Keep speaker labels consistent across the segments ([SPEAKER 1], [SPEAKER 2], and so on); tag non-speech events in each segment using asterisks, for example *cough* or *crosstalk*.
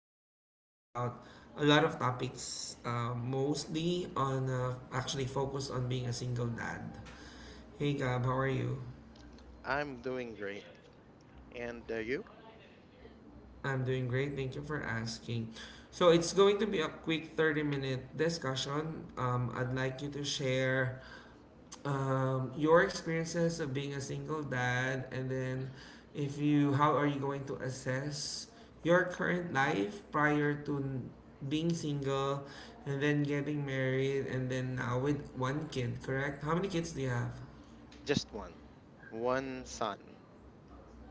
[SPEAKER 1] discussing about a lot of topics, mostly on actually focused on being a single dad. Hey Gab, how are you?
[SPEAKER 2] I'm doing great. And you?
[SPEAKER 1] I'm doing great. Thank you for asking. So it's going to be a quick 30-minute discussion. I'd like you to share your experiences of being a single dad and then if you how are you going to assess your current life prior to being single and then getting married and then now with one kid, correct? How many kids do you have?
[SPEAKER 2] Just one. One son.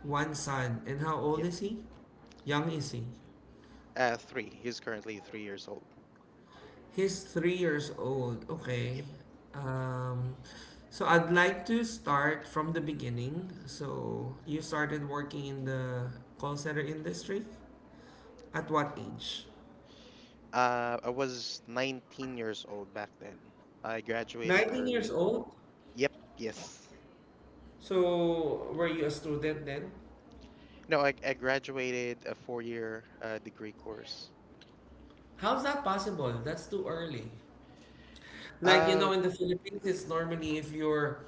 [SPEAKER 1] One son. And how
[SPEAKER 2] Yep.
[SPEAKER 1] old is he? Young is he?
[SPEAKER 2] Three. He's currently 3 years old.
[SPEAKER 1] He's 3 years old. Okay.
[SPEAKER 2] Yep.
[SPEAKER 1] Um, so I'd like to start from the beginning. So you started working in the call center industry at what age?
[SPEAKER 2] I was 19 years old back then. I graduated
[SPEAKER 1] 19 years
[SPEAKER 2] early.
[SPEAKER 1] old?
[SPEAKER 2] Yep. Yes.
[SPEAKER 1] So were you a student then?
[SPEAKER 2] No, I graduated a 4-year degree course.
[SPEAKER 1] How's that possible? That's too early. Like,
[SPEAKER 2] Uh,
[SPEAKER 1] in the Philippines, it's normally if you're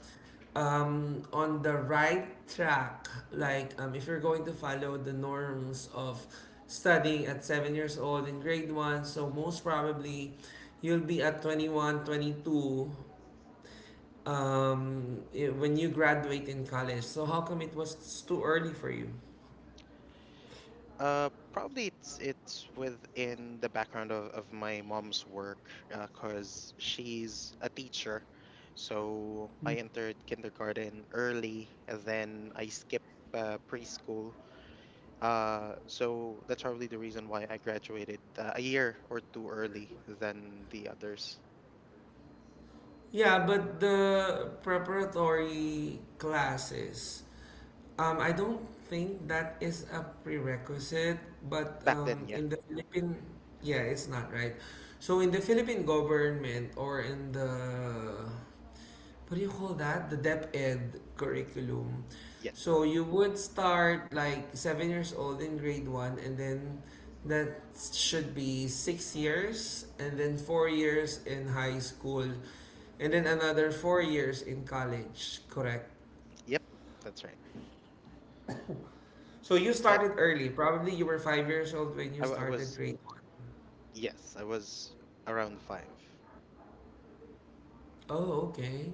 [SPEAKER 1] on the right track, like if you're going to follow the norms of studying at 7 years old in grade one, so most probably you'll be at 21, 22, when you graduate in college. So, how come it was too early for you?
[SPEAKER 2] Probably it's within the background of my mom's work, cause she's a teacher. So I entered kindergarten early, and then I skipped preschool. So that's probably the reason why I graduated a year or two early than the others
[SPEAKER 1] Yeah, but the preparatory classes, I don't think that is a prerequisite, but
[SPEAKER 2] back then. Yeah.
[SPEAKER 1] in the Philippine, yeah, it's not right. So in the Philippine government or in the what do you call that? The Dep Ed curriculum.
[SPEAKER 2] Yes.
[SPEAKER 1] So you would start like 7 years old in grade one, and then that should be 6 years, and then 4 years in high school, and then
[SPEAKER 2] Hmm.
[SPEAKER 1] another 4 years in college. Correct.
[SPEAKER 2] Yep. That's right.
[SPEAKER 1] So you
[SPEAKER 2] I,
[SPEAKER 1] started early. Probably you were 5 years old when you
[SPEAKER 2] I w- I
[SPEAKER 1] started
[SPEAKER 2] was
[SPEAKER 1] grade one.
[SPEAKER 2] Yes, I was around 5.
[SPEAKER 1] Oh, okay.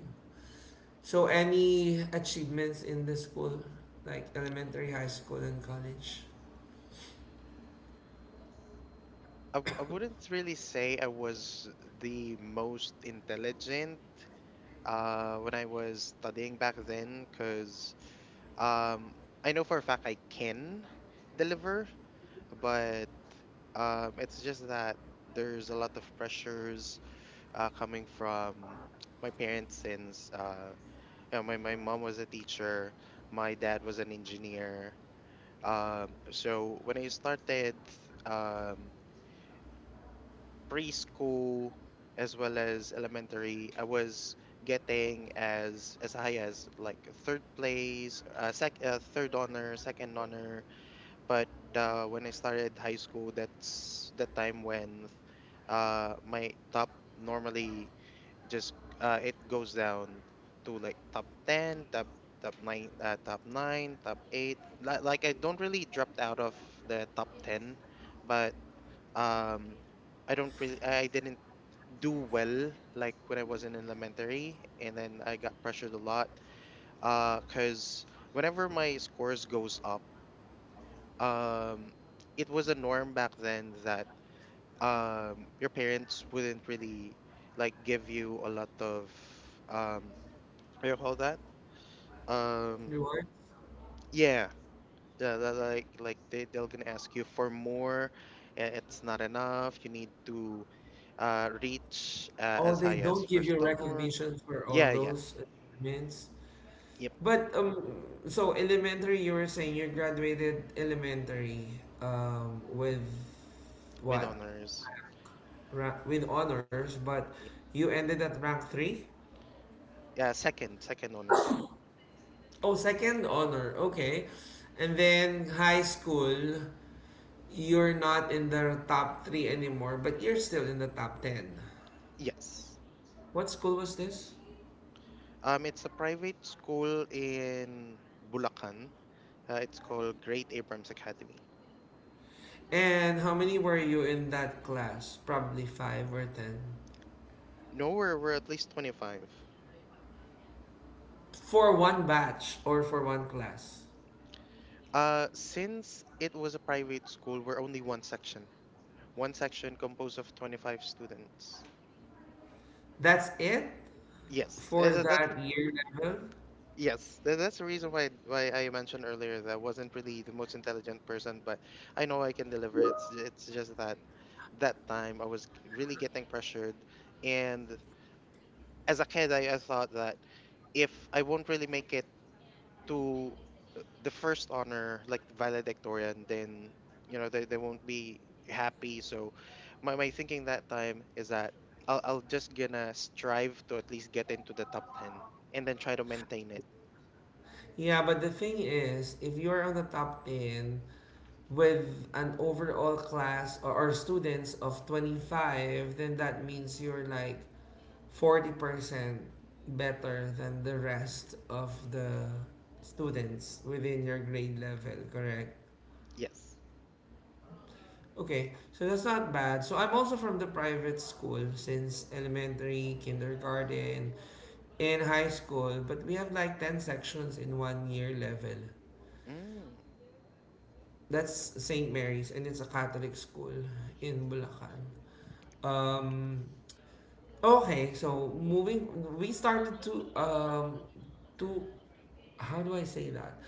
[SPEAKER 1] So any achievements in the school, like elementary, high school, and college?
[SPEAKER 2] I wouldn't really say I was the most intelligent when I was studying back then because um, I know for a fact I can deliver, but it's just that there's a lot of pressures coming from my parents since my mom was a teacher, my dad was an engineer. So when I started um, preschool as well as elementary, I was getting as high as like a third place, sec third honor, second honor. But when I started high school, that's the time when my top normally just it goes down to like top 10, top 9, top 8. Like I don't really dropped out of the top 10. But um I don't really I didn't do well like when I was in elementary, and then I got pressured a lot. Cuz whenever my scores goes up, um it was a norm back then that your parents wouldn't really like give you a lot of um what do you call that? um
[SPEAKER 1] Rewards?
[SPEAKER 2] yeah. Yeah, like they're gonna ask you for more, and it's not enough. You need to reach
[SPEAKER 1] Oh,
[SPEAKER 2] as
[SPEAKER 1] they
[SPEAKER 2] high as
[SPEAKER 1] don't give
[SPEAKER 2] first
[SPEAKER 1] you
[SPEAKER 2] donor.
[SPEAKER 1] recognition for all
[SPEAKER 2] Yeah, yeah,
[SPEAKER 1] those achievements.
[SPEAKER 2] yeah.
[SPEAKER 1] But so elementary, you were saying you graduated elementary with
[SPEAKER 2] With
[SPEAKER 1] what?
[SPEAKER 2] honors.
[SPEAKER 1] With honors, but you ended at rank three?
[SPEAKER 2] Yeah, second honor.
[SPEAKER 1] Oh, second honor. Okay, and then high school, you're not in the top three anymore, but you're still in the top ten.
[SPEAKER 2] Yes.
[SPEAKER 1] What school was this?
[SPEAKER 2] It's a private school in Bulacan. It's called Great Abrams Academy.
[SPEAKER 1] And how many were you in that class? Probably five or ten.
[SPEAKER 2] No, we're at least 25.
[SPEAKER 1] For one batch or for one class.
[SPEAKER 2] Since it was a private school, we're only one section. One section composed of 25 students.
[SPEAKER 1] That's it
[SPEAKER 2] Yes,
[SPEAKER 1] for that year level.
[SPEAKER 2] yes. That's the reason why I mentioned earlier that I wasn't really the most intelligent person, but I know I can deliver. It's just that that time I was really getting pressured. And as a kid, I thought that if I won't really make it to the first honor, like the valedictorian, then they won't be happy. So my thinking that time is that I'll just gonna strive to at least get into the top 10 and then try to maintain it.
[SPEAKER 1] Yeah, but the thing is, if you're on the top 10 with an overall class or students of 25, then that means you're like 40% better than the rest of the students within your grade level, correct?
[SPEAKER 2] Yes.
[SPEAKER 1] Okay, so that's not bad. So I'm also from the private school since elementary, kindergarten, in high school, but we have like 10 sections in one year level.
[SPEAKER 2] Mm,
[SPEAKER 1] That's St. Mary's and it's a Catholic school in Bulacan. Um, okay, so moving, we started to, to, how do I say that?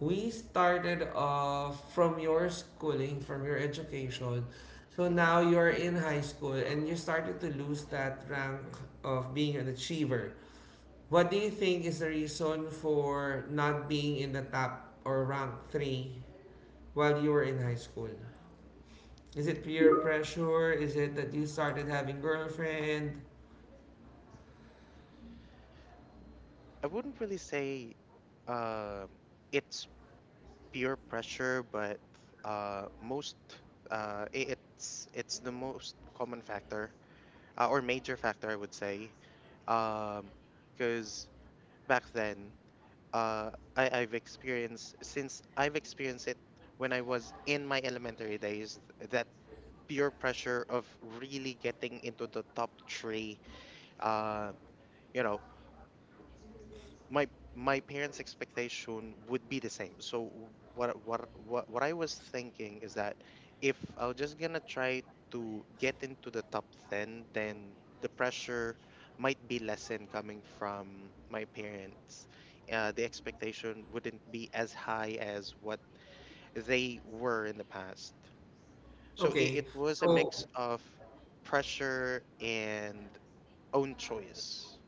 [SPEAKER 1] We started off from your schooling, from your education. So
[SPEAKER 2] hmm.
[SPEAKER 1] now you're in high school and you started to lose that rank of being an achiever. What do you think is the reason for not being in the top or rank three while you were in high school? Is it peer pressure? Is it that you started having girlfriend?
[SPEAKER 2] I wouldn't really say um, it's peer pressure, but uh, most it's the most common factor, or major factor I would say. Um, because back then, uh, I I've experienced since I've experienced it when I was in my elementary days, that peer pressure of really getting into the top three. Uh, you know, my my parents' expectation would be the same. So what I was thinking is that if I was just gonna try to get into the top 10, then the pressure might be lessened coming from my parents. The expectation wouldn't be as high as what they were in the past. So it,
[SPEAKER 1] Okay,
[SPEAKER 2] it was a
[SPEAKER 1] so
[SPEAKER 2] mix of pressure and own choice.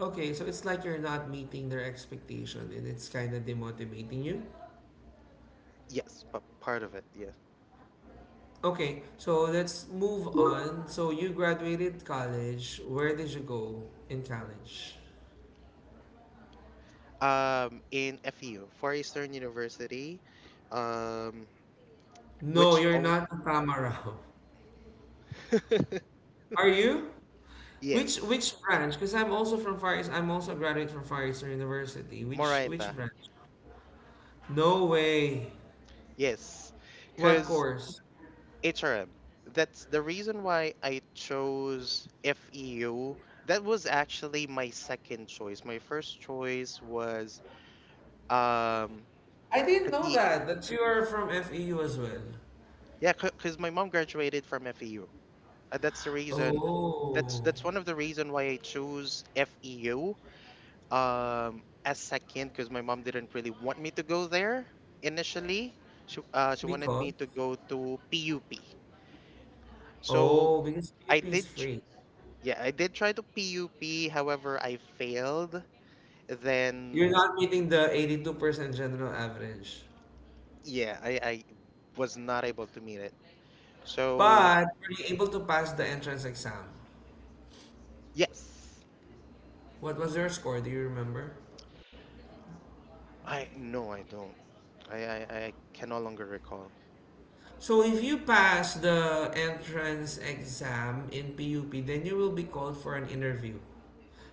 [SPEAKER 1] okay, so it's like you're not meeting their expectation and it's kind of demotivating you.
[SPEAKER 2] Yes, but part of it, yeah.
[SPEAKER 1] Okay, so let's move on. So you graduated college. Where did you go in college?
[SPEAKER 2] In FU, Far Eastern University. um
[SPEAKER 1] No,
[SPEAKER 2] which
[SPEAKER 1] you're
[SPEAKER 2] own?
[SPEAKER 1] not a Tamarau.
[SPEAKER 2] *laughs*
[SPEAKER 1] Are you? Which
[SPEAKER 2] Yes.
[SPEAKER 1] which branch? Because I'm also from Far East. I'm also a graduate from Far Eastern University. Which
[SPEAKER 2] Moraita.
[SPEAKER 1] branch? No way.
[SPEAKER 2] Yes.
[SPEAKER 1] What
[SPEAKER 2] Cuz
[SPEAKER 1] course?
[SPEAKER 2] HRM. That's the reason why I chose FEU. That was actually my second choice. My first choice was um
[SPEAKER 1] I didn't know
[SPEAKER 2] the
[SPEAKER 1] that that you are from FEU as well.
[SPEAKER 2] yeah, cuz my mom graduated from FEU. Uh, that's the reason that's
[SPEAKER 1] Oh,
[SPEAKER 2] that's one of the reason why I chose FEU as second because my mom didn't really want me to go there initially. She wanted me
[SPEAKER 1] because
[SPEAKER 2] to go to PUP. So
[SPEAKER 1] oh because
[SPEAKER 2] I
[SPEAKER 1] PUP is
[SPEAKER 2] did tr-
[SPEAKER 1] free.
[SPEAKER 2] yeah, I did try to PUP, however I failed. Then
[SPEAKER 1] You're not meeting the 82% general average,
[SPEAKER 2] yeah, I was not able to meet it. So
[SPEAKER 1] but were you able to pass the entrance exam?
[SPEAKER 2] yes.
[SPEAKER 1] What was your score? Do you remember?
[SPEAKER 2] I No, I don't. I I, I can no longer recall.
[SPEAKER 1] So if you pass the entrance exam in PUP, then you will be called for an interview.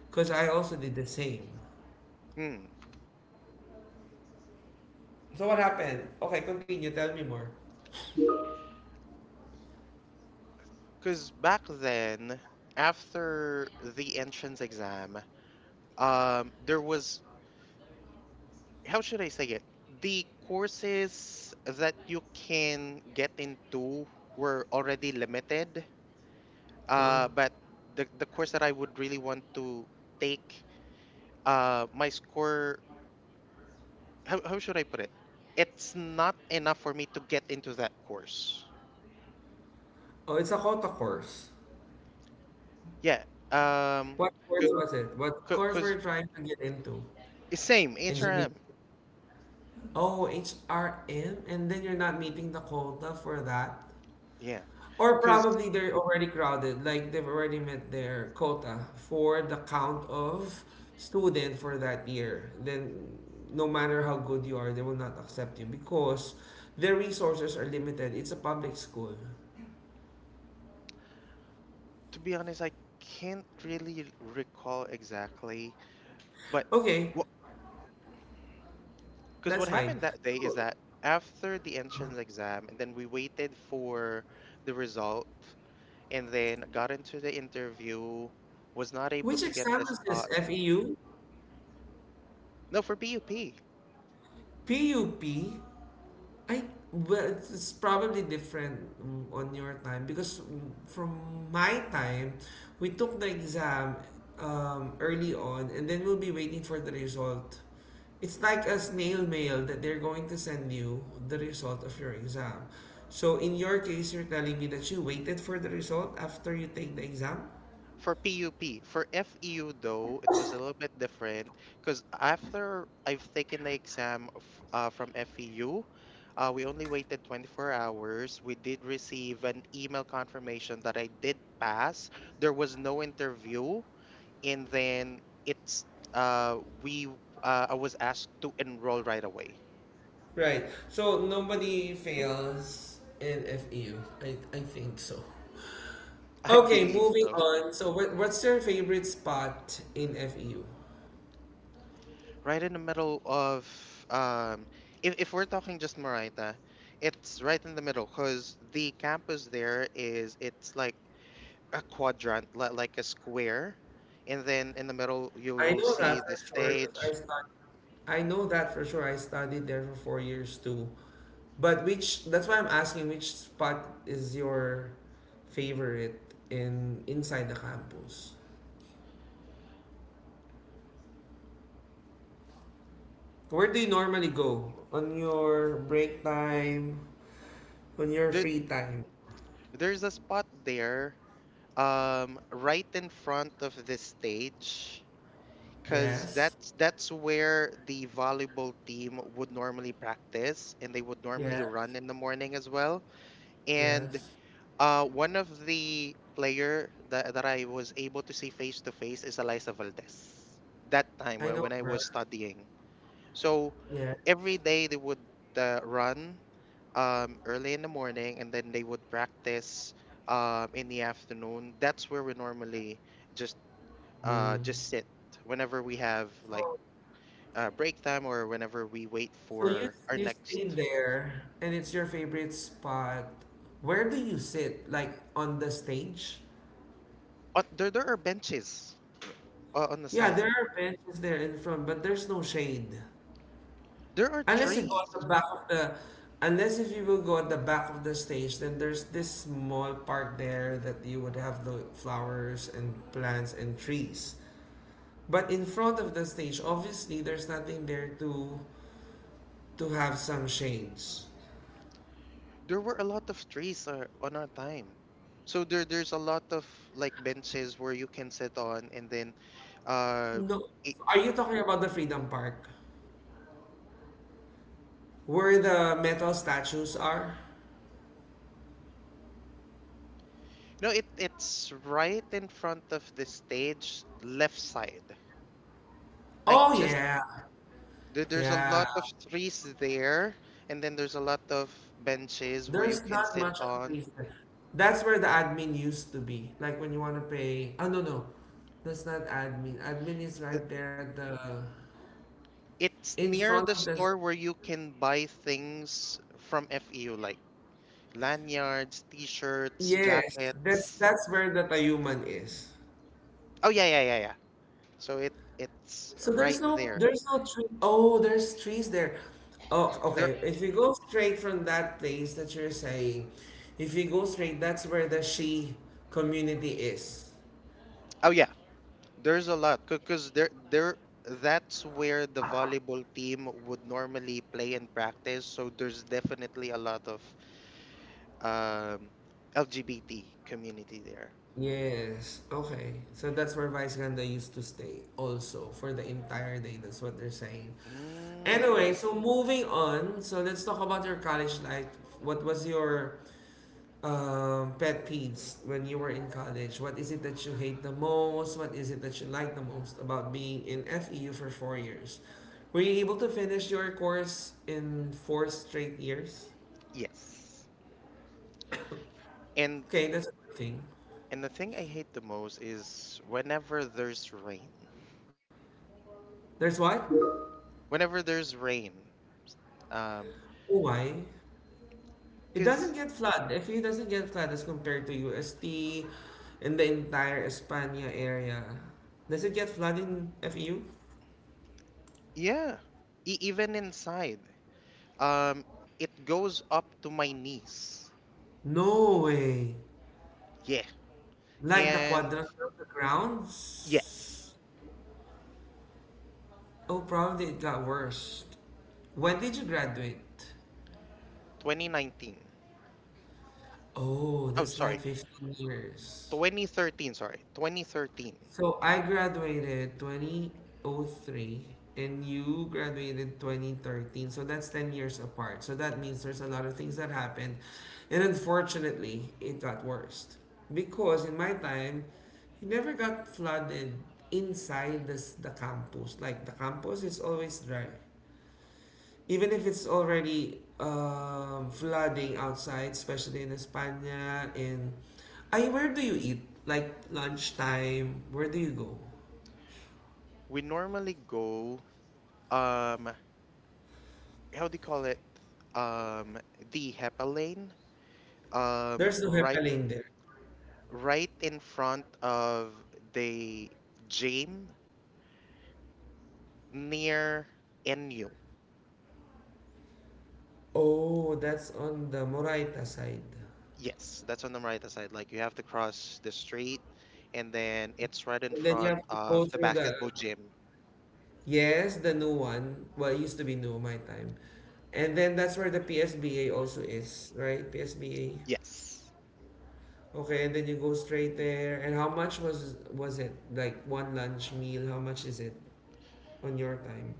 [SPEAKER 1] Because I also did the same.
[SPEAKER 2] Hmm.
[SPEAKER 1] So what happened? Okay, continue. Tell me more.
[SPEAKER 2] Cause back then after the entrance exam, there was, how should I say it? The courses that you can get into were already limited.
[SPEAKER 1] Huh?
[SPEAKER 2] But the course that I would really want to take, my score, how should I put it? It's not enough for me to get into that course.
[SPEAKER 1] Oh, it's a quota course.
[SPEAKER 2] Yeah. Um,
[SPEAKER 1] What course was it? What course were
[SPEAKER 2] because
[SPEAKER 1] you trying to get into?
[SPEAKER 2] same
[SPEAKER 1] Engineering.
[SPEAKER 2] HRM.
[SPEAKER 1] Oh, HRM? And then you're not meeting the quota for that?
[SPEAKER 2] Yeah.
[SPEAKER 1] Or
[SPEAKER 2] Because
[SPEAKER 1] probably they're already crowded, like they've already met their quota for the count of student for that year. Then no matter how good you are, they will not accept you because their resources are limited. It's a public school.
[SPEAKER 2] to be honest, I can't really recall exactly, but.
[SPEAKER 1] Okay,
[SPEAKER 2] Because what
[SPEAKER 1] that's fine.
[SPEAKER 2] happened that day is
[SPEAKER 1] So
[SPEAKER 2] that after the entrance exam, and then we waited for the result, and then got into the interview, was not able
[SPEAKER 1] which
[SPEAKER 2] to get the
[SPEAKER 1] exam is this?
[SPEAKER 2] spot.
[SPEAKER 1] FEU?
[SPEAKER 2] No, for PUP.
[SPEAKER 1] PUP? I well, it's probably different on your time because from my time, we took the exam early on, and then we'll be waiting for the result. It's like a snail mail that they're going to send you the result of your exam. So in your case, you're telling me that you waited for the result after you take the exam,
[SPEAKER 2] For PUP. For FEU, though, it was a little bit different because after I've taken the exam of, from FEU, we only waited 24 hours. We did receive an email confirmation that I did pass. There was no interview, and then it's we I was asked to enroll right away.
[SPEAKER 1] right? So nobody fails in FEU. I think so.
[SPEAKER 2] *laughs* I
[SPEAKER 1] Okay,
[SPEAKER 2] believe
[SPEAKER 1] moving
[SPEAKER 2] so.
[SPEAKER 1] on. So, what's your favorite spot in FEU?
[SPEAKER 2] Right in the middle of um if we're talking just Marita, it's right in the middle cuz the campus there is it's like a quadrant, like a square, and then in the middle
[SPEAKER 1] I
[SPEAKER 2] you'll
[SPEAKER 1] know that
[SPEAKER 2] see the
[SPEAKER 1] for sure because I
[SPEAKER 2] stage.
[SPEAKER 1] studied. I know that for sure. I studied there for 4 years too. But which? That's why I'm asking. Which spot is your favorite in inside the campus? Where do you normally go on your break time? On your
[SPEAKER 2] There,
[SPEAKER 1] free time?
[SPEAKER 2] there's a spot there right in front of the stage because
[SPEAKER 1] Yes.
[SPEAKER 2] that's where the volleyball team would normally practice, and they would normally
[SPEAKER 1] Yes.
[SPEAKER 2] run in the morning as well. And
[SPEAKER 1] Yes.
[SPEAKER 2] one of the player that I was able to see face to face is Eliza Valdez that time
[SPEAKER 1] I
[SPEAKER 2] when,
[SPEAKER 1] know
[SPEAKER 2] when I was
[SPEAKER 1] her.
[SPEAKER 2] studying. So every
[SPEAKER 1] Yes.
[SPEAKER 2] day they would run early in the morning, and then they would practice in the afternoon. That's where we normally just
[SPEAKER 1] Mm.
[SPEAKER 2] just sit whenever we have like
[SPEAKER 1] So
[SPEAKER 2] break time or whenever we wait
[SPEAKER 1] So you
[SPEAKER 2] for our
[SPEAKER 1] you
[SPEAKER 2] next.
[SPEAKER 1] stay there, and it's your favorite spot. Where do you sit? Like on the stage?
[SPEAKER 2] There are benches on the
[SPEAKER 1] Yeah,
[SPEAKER 2] side.
[SPEAKER 1] there are benches there in front, but there's no shade.
[SPEAKER 2] There are
[SPEAKER 1] Unless you go at
[SPEAKER 2] trees.
[SPEAKER 1] the back of the, unless if you will go at the back of the stage, then there's this small park there that you would have the flowers and plants and trees. But in front of the stage, obviously there's nothing there to have some shades.
[SPEAKER 2] There were a lot of trees on our time. So there's a lot of like benches where you can sit on, and then, uh,
[SPEAKER 1] No,
[SPEAKER 2] it,
[SPEAKER 1] are you talking about the Freedom Park? Where the metal statues are?
[SPEAKER 2] no, it's right in front of the stage, left side. I
[SPEAKER 1] Oh
[SPEAKER 2] just
[SPEAKER 1] yeah.
[SPEAKER 2] There's a lot
[SPEAKER 1] Yeah.
[SPEAKER 2] of trees there, and then there's a lot of benches where you
[SPEAKER 1] There's
[SPEAKER 2] can
[SPEAKER 1] not
[SPEAKER 2] sit
[SPEAKER 1] much of a
[SPEAKER 2] on.
[SPEAKER 1] reason. That's where the admin used to be. Like when you want to pay. Oh no, no. That's not admin. Admin is right there at the
[SPEAKER 2] It's
[SPEAKER 1] in
[SPEAKER 2] near
[SPEAKER 1] front
[SPEAKER 2] the
[SPEAKER 1] of the.
[SPEAKER 2] store where you can buy things from FEU, like lanyards, t-shirts,
[SPEAKER 1] Yes. That's
[SPEAKER 2] jackets.
[SPEAKER 1] that's where the Tayuman is.
[SPEAKER 2] Oh yeah, yeah, yeah, yeah. So it's
[SPEAKER 1] So
[SPEAKER 2] right
[SPEAKER 1] there's no
[SPEAKER 2] there.
[SPEAKER 1] there's no tree. Oh, there's trees there. Oh,
[SPEAKER 2] There.
[SPEAKER 1] okay. If you go straight from that place that you're saying, if you go straight, that's where the Shi community is.
[SPEAKER 2] Oh yeah, there's a lot because there, that's where the volleyball team would normally play and practice. So there's definitely a lot of um, LGBT community there.
[SPEAKER 1] Yes. Okay. So that's where Vice Ganda used to stay also for the entire day. That's what they're saying.
[SPEAKER 2] Mm,
[SPEAKER 1] Anyway, so moving on. So let's talk about your college life. What was your pet peeves when you were in college? What is it that you hate the most? What is it that you like the most about being in FEU for 4 years? Were you able to finish your course in four straight years?
[SPEAKER 2] yes. And
[SPEAKER 1] Okay, that's a good thing.
[SPEAKER 2] And the thing I hate the most is whenever there's rain.
[SPEAKER 1] There's what? Oh,
[SPEAKER 2] Whenever there's rain, um,
[SPEAKER 1] why? It doesn't
[SPEAKER 2] cause
[SPEAKER 1] get flood. Actually, it doesn't get flood as compared to UST in the entire Espana area. Does it get flood in FEU?
[SPEAKER 2] yeah, even inside, um, it goes up to my knees.
[SPEAKER 1] No way.
[SPEAKER 2] Yeah,
[SPEAKER 1] Like the
[SPEAKER 2] and
[SPEAKER 1] quadrangle of the grounds?
[SPEAKER 2] yes,
[SPEAKER 1] Oh, probably it got worse. When did you graduate?
[SPEAKER 2] 2019.
[SPEAKER 1] Oh,
[SPEAKER 2] Oh,
[SPEAKER 1] that's like
[SPEAKER 2] sorry,
[SPEAKER 1] 15 years.
[SPEAKER 2] 2013. Sorry, 2013.
[SPEAKER 1] So I graduated 2003 and you graduated 2013. So that's 10 years apart. So that means there's a lot of things that happened. And unfortunately, it got worse. Because in my time, it never got flooded inside the campus. Like the campus is always dry. Even if it's already flooding outside, especially in España, in... Ay, where do you eat? Like lunchtime, where do you go?
[SPEAKER 2] We normally go um, how do you call it? Um, the HEPA lane. Um,
[SPEAKER 1] There's no
[SPEAKER 2] right
[SPEAKER 1] hepaline there.
[SPEAKER 2] right in front of the gym near NU.
[SPEAKER 1] Oh, that's on the Moraita side.
[SPEAKER 2] Yes, that's on the right side. Like you have to cross the street, and then it's right in
[SPEAKER 1] And then you
[SPEAKER 2] front
[SPEAKER 1] have to go
[SPEAKER 2] of the
[SPEAKER 1] through the
[SPEAKER 2] basketball gym.
[SPEAKER 1] yes, the new one. Well, it used to be new my time. And then that's where the PSBA also is, right? PSBA.
[SPEAKER 2] Yes.
[SPEAKER 1] Okay, and then you go straight there. And how much was it? Like one lunch meal, how much is it on your time?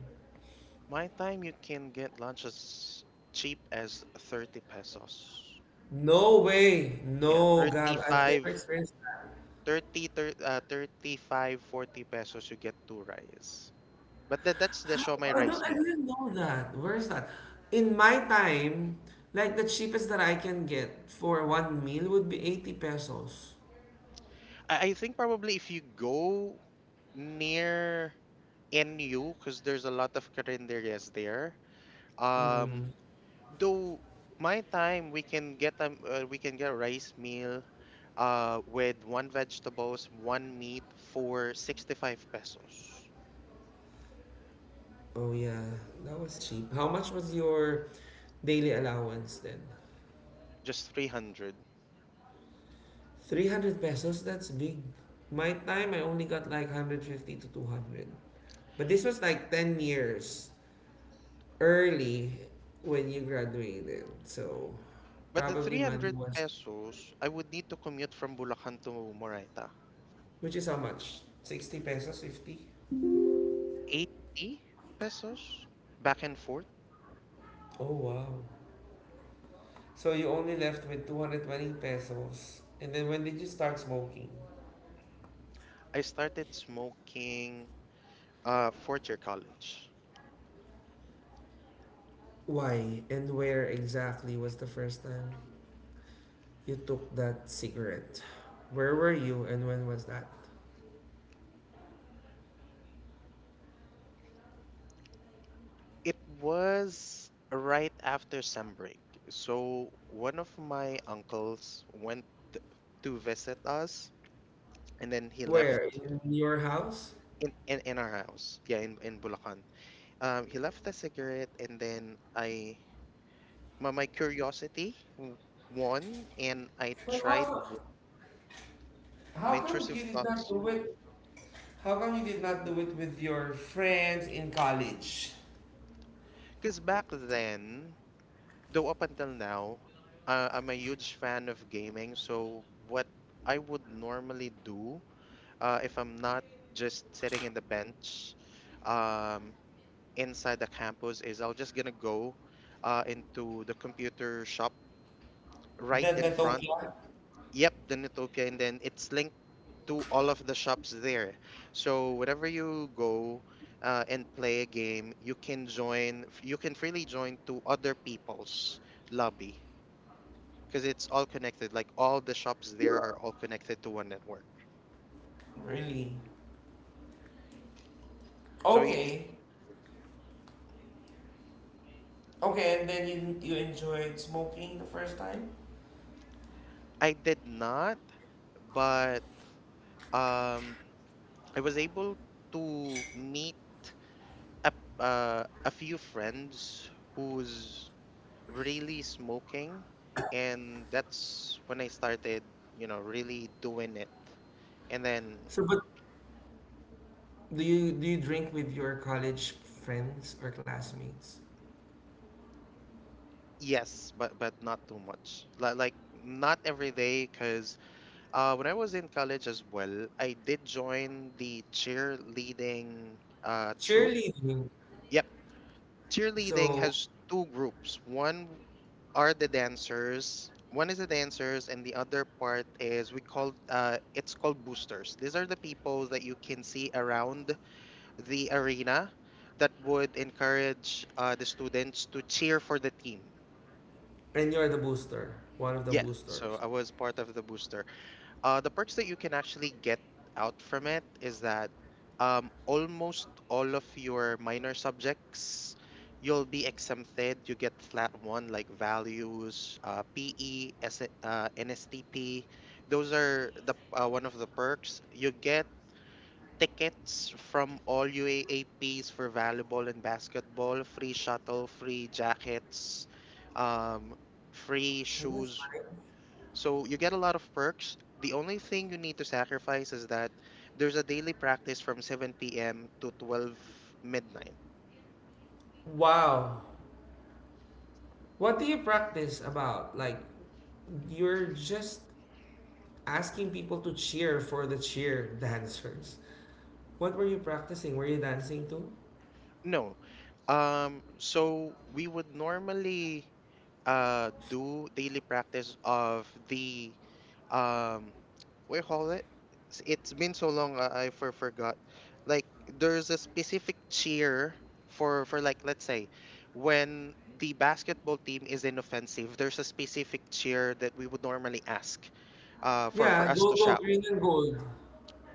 [SPEAKER 2] My time you can get lunch as cheap as 30 pesos.
[SPEAKER 1] No way.
[SPEAKER 2] Yeah,
[SPEAKER 1] No, Gab, I've never
[SPEAKER 2] 35
[SPEAKER 1] experienced.
[SPEAKER 2] thirty, thir- uh, 35, 40 pesos you get two rice. But that's the show my
[SPEAKER 1] I don't,
[SPEAKER 2] rice
[SPEAKER 1] I
[SPEAKER 2] meal.
[SPEAKER 1] didn't know that. Where is that? In my time, like the cheapest that I can get for one meal would be 80 pesos.
[SPEAKER 2] I think probably if you go near NU because there's a lot of carinderias there. Um,
[SPEAKER 1] Mm.
[SPEAKER 2] though my time we can get a rice meal with one vegetables, one meat for 65 pesos,
[SPEAKER 1] Oh yeah, that was cheap. How much was your daily allowance then?
[SPEAKER 2] just 300.
[SPEAKER 1] 300 pesos? That's big. My time, I only got like 150 to 200. But this was like 10 years early when you graduated. So
[SPEAKER 2] But the
[SPEAKER 1] probably money
[SPEAKER 2] 300
[SPEAKER 1] was,
[SPEAKER 2] pesos, I would need to commute from Bulacan to Moraita.
[SPEAKER 1] which is how much? 60 pesos, 50?
[SPEAKER 2] 80 pesos back and forth.
[SPEAKER 1] Oh wow. So you only left with 220 pesos. And then when did you start smoking?
[SPEAKER 2] I started smoking fourth year college.
[SPEAKER 1] Why and where exactly was the first time you took that cigarette? Where were you and when was that?
[SPEAKER 2] It was right after sem break. So one of my uncles went to visit us, and then he left
[SPEAKER 1] Where? In your house?
[SPEAKER 2] in our house. Yeah, in Bulacan. He left the cigarette, and then I my curiosity won, and I
[SPEAKER 1] But
[SPEAKER 2] tried
[SPEAKER 1] how
[SPEAKER 2] my
[SPEAKER 1] come
[SPEAKER 2] intrusive
[SPEAKER 1] you did not
[SPEAKER 2] thoughts.
[SPEAKER 1] do it? How come you did not do it with your friends in college?
[SPEAKER 2] Because back then, though up until now, I'm a huge fan of gaming. So what I would normally do, if I'm not just sitting in the bench, um, inside the campus, is I'll just gonna go into the computer shop right
[SPEAKER 1] The
[SPEAKER 2] in front.
[SPEAKER 1] Netopia?
[SPEAKER 2] Yep, the Nutopia, and then it's linked to all of the shops there. So whenever you go and play a game, you can join. You can freely join to other people's lobby because it's all connected. Like all the shops there are all connected to one network.
[SPEAKER 1] Really?
[SPEAKER 2] So
[SPEAKER 1] Okay. Okay, and then you enjoyed smoking the first time?
[SPEAKER 2] I did not, but um I was able to meet a a few friends who's really smoking, and that's when I started, really doing it. And then
[SPEAKER 1] So, but do you drink with your college friends or classmates?
[SPEAKER 2] yes, but not too much. Like not every day cuz when I was in college as well, I did join the cheerleading troop.
[SPEAKER 1] Cheerleading.
[SPEAKER 2] Yep. Cheerleading
[SPEAKER 1] So,
[SPEAKER 2] has two groups. One are the dancers. One is the dancers, and the other part is we called it's called boosters. These are the people that you can see around the arena that would encourage the students to cheer for the team.
[SPEAKER 1] and you're the booster, one of the
[SPEAKER 2] Yeah, so
[SPEAKER 1] boosters.
[SPEAKER 2] I was part of the booster. The perks that you can actually get out from it is that almost all of your minor subjects you'll be exempted. You get flat one like values, PE, NSTP. Those are the one of the perks you get. Tickets from all UAAPs for volleyball and basketball, free shuttle, free jackets, um, free
[SPEAKER 1] Oh, that's
[SPEAKER 2] shoes,
[SPEAKER 1] nice.
[SPEAKER 2] so you get a lot of perks. The only thing you need to sacrifice is that there's a daily practice from 7 p.m. to 12 midnight.
[SPEAKER 1] Wow. What do you practice about? Like, you're just asking people to cheer for the cheer *laughs* dancers. What were you practicing? Were you dancing too?
[SPEAKER 2] No. So we would normally do daily practice of the um, what do you call it? It's been so long forgot. Like there's a specific cheer for like let's say when the basketball team is inoffensive, there's a specific cheer that we would normally ask, for
[SPEAKER 1] Yeah,
[SPEAKER 2] us to
[SPEAKER 1] go go
[SPEAKER 2] shout.
[SPEAKER 1] green and gold.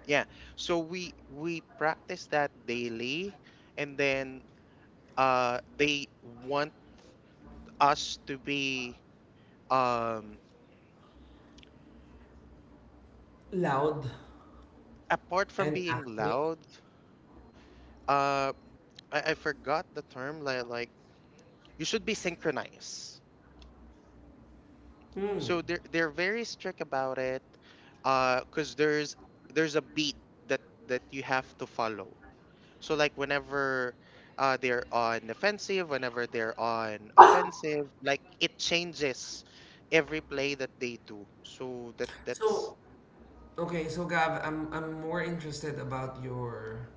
[SPEAKER 2] Yeah. So we practice that daily, and then they want us to be um,
[SPEAKER 1] Loud
[SPEAKER 2] apart from
[SPEAKER 1] and
[SPEAKER 2] being
[SPEAKER 1] active.
[SPEAKER 2] loud. Uh, I forgot the term. Like you should be synchronized.
[SPEAKER 1] Hmm.
[SPEAKER 2] So they're very strict about it. Cause there's a beat that that you have to follow. So like whenever they're on defensive, whenever they're on offensive, like it changes every play that they do. So that that's.
[SPEAKER 1] So Okay, so Gav, I'm more interested about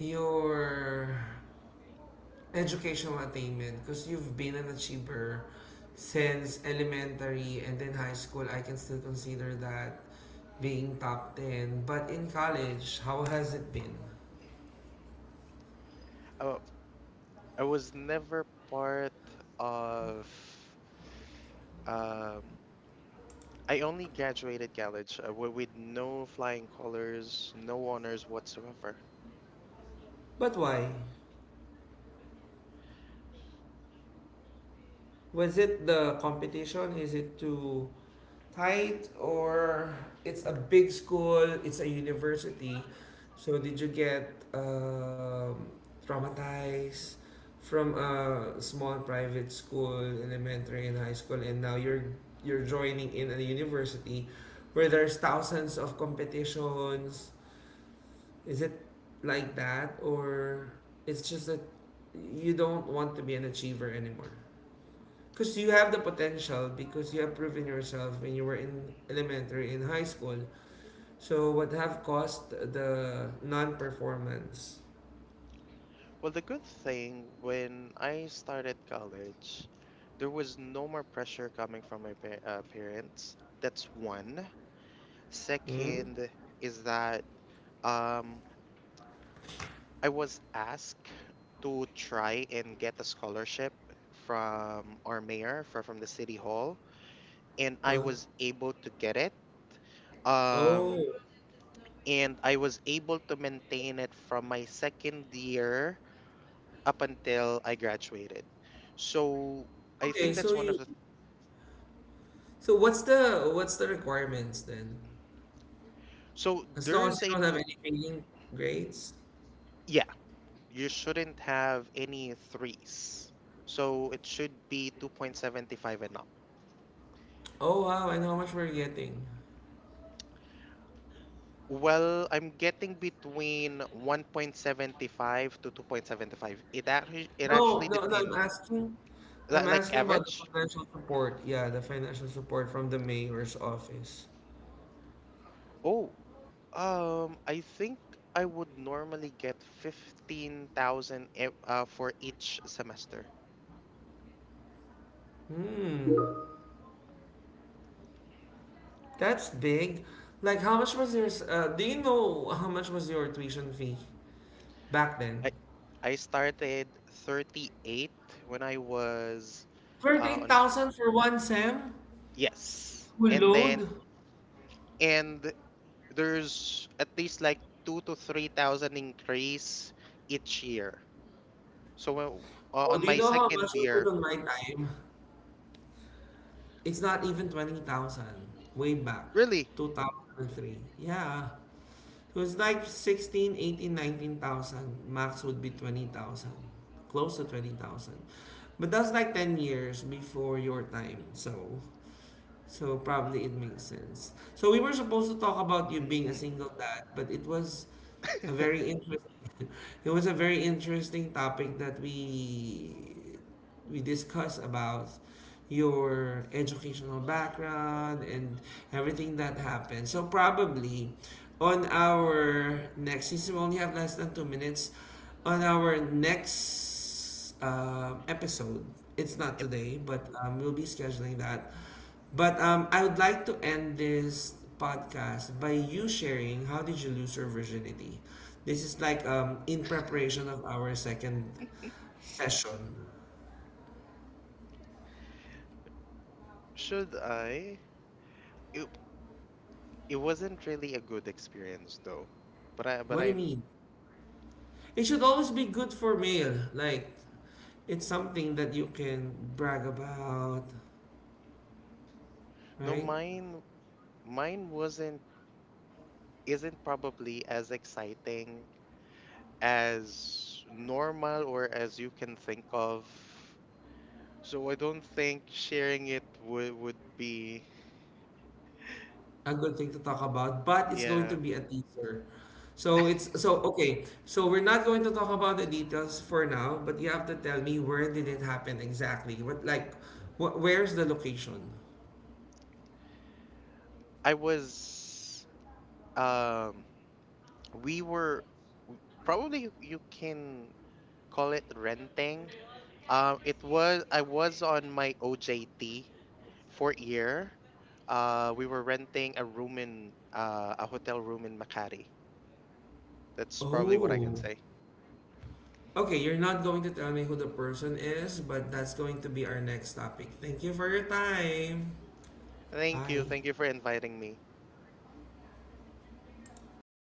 [SPEAKER 1] your educational attainment because you've been an achiever since elementary and then high school. I can still consider that being top ten. But in college, how has it been?
[SPEAKER 2] Uh. I was never part of. Um, I only graduated college with no flying colors, no honors whatsoever.
[SPEAKER 1] But why? Was it the competition? Is it to tight or it's a big school, it's a university. So did you get traumatized from a small private school, elementary and high school, and now you're joining in a university where there's thousands of competitions? Is it like that, or it's just that you don't want to be an achiever anymore? Because you have the potential because you have proven yourself when you were in elementary, in high school. So what have caused the non-performance?
[SPEAKER 2] Well, the good thing when I started college, there was no more pressure coming from my parents. That's one.
[SPEAKER 1] Hmm?
[SPEAKER 2] Second is that um, I was asked to try and get a scholarship from our mayor, from the city hall. And I
[SPEAKER 1] Huh?
[SPEAKER 2] was able to get it. Um,
[SPEAKER 1] Oh.
[SPEAKER 2] and I was able to maintain it from my second year up until I graduated. So I
[SPEAKER 1] Okay,
[SPEAKER 2] think
[SPEAKER 1] so
[SPEAKER 2] that's one of
[SPEAKER 1] you
[SPEAKER 2] the.
[SPEAKER 1] so what's the requirements then?
[SPEAKER 2] So
[SPEAKER 1] As long as
[SPEAKER 2] there's
[SPEAKER 1] you
[SPEAKER 2] a.
[SPEAKER 1] don't have
[SPEAKER 2] pl-
[SPEAKER 1] any failing grades?
[SPEAKER 2] Yeah, you shouldn't have any threes. So it should be 2.75 and up.
[SPEAKER 1] Oh wow, and how much we're getting?
[SPEAKER 2] Well, I'm getting between 1.75 to 2.75. It actually
[SPEAKER 1] No, no, no,
[SPEAKER 2] depends.
[SPEAKER 1] I'm
[SPEAKER 2] Like
[SPEAKER 1] asking about the
[SPEAKER 2] average?
[SPEAKER 1] financial support. Yeah, the financial support from the mayor's office.
[SPEAKER 2] Oh. I think I would normally get 15,000 for each semester.
[SPEAKER 1] Hmm. That's big. Like, how much was your, do you know how much was your tuition fee back then?
[SPEAKER 2] I I started 38 when I was
[SPEAKER 1] Thirty
[SPEAKER 2] on
[SPEAKER 1] thousand for one SEM?
[SPEAKER 2] yes.
[SPEAKER 1] Full
[SPEAKER 2] And then
[SPEAKER 1] Load?
[SPEAKER 2] and there's at least like 2 to 3,000 increase each year. So when,
[SPEAKER 1] Oh,
[SPEAKER 2] on
[SPEAKER 1] do you
[SPEAKER 2] my
[SPEAKER 1] know how
[SPEAKER 2] second
[SPEAKER 1] much was it
[SPEAKER 2] year,
[SPEAKER 1] on my time? It's not even 20,000. Way back.
[SPEAKER 2] really?
[SPEAKER 1] 2003. Yeah. So it's like 16, 18, 19,000. Max would be 20,000. Close to 20,000. But that's like 10 years before your time. So probably it makes sense. So we were supposed to talk about you being a
[SPEAKER 2] Mm,
[SPEAKER 1] single dad, but it was a very interesting *laughs* it was a very interesting topic that we discuss about your educational background and everything that happened. So probably on our next since we only have less than 2 minutes, on our next episode, it's not
[SPEAKER 2] yep.
[SPEAKER 1] today, but we'll be scheduling that. But I would like to end this podcast by you sharing how did you lose your virginity. This is like in preparation of our second session.
[SPEAKER 2] Should I? It, It wasn't really a good experience though. But
[SPEAKER 1] What do you
[SPEAKER 2] I
[SPEAKER 1] mean? It should always be good for male. Like, it's something that you can brag about,
[SPEAKER 2] no,
[SPEAKER 1] right?
[SPEAKER 2] mine wasn't, isn't probably as exciting as normal or as you can think of. So I don't think sharing it would be
[SPEAKER 1] A good thing to talk about, but it's going to
[SPEAKER 2] yeah.
[SPEAKER 1] be a teaser. So it's so okay. So we're not going to talk about the details for now, but you have to tell me where did it happen exactly? Where's the location?
[SPEAKER 2] I was um we were probably you you can call it renting. It was I was on my OJT fourth year, we were renting a room in a hotel room in Makati. That's probably what I can
[SPEAKER 1] Oh.
[SPEAKER 2] say.
[SPEAKER 1] Okay, you're not going to tell me who the person is, but that's going to be our next topic. Thank you for your time.
[SPEAKER 2] Thank you.
[SPEAKER 1] Bye.
[SPEAKER 2] Thank you for inviting me.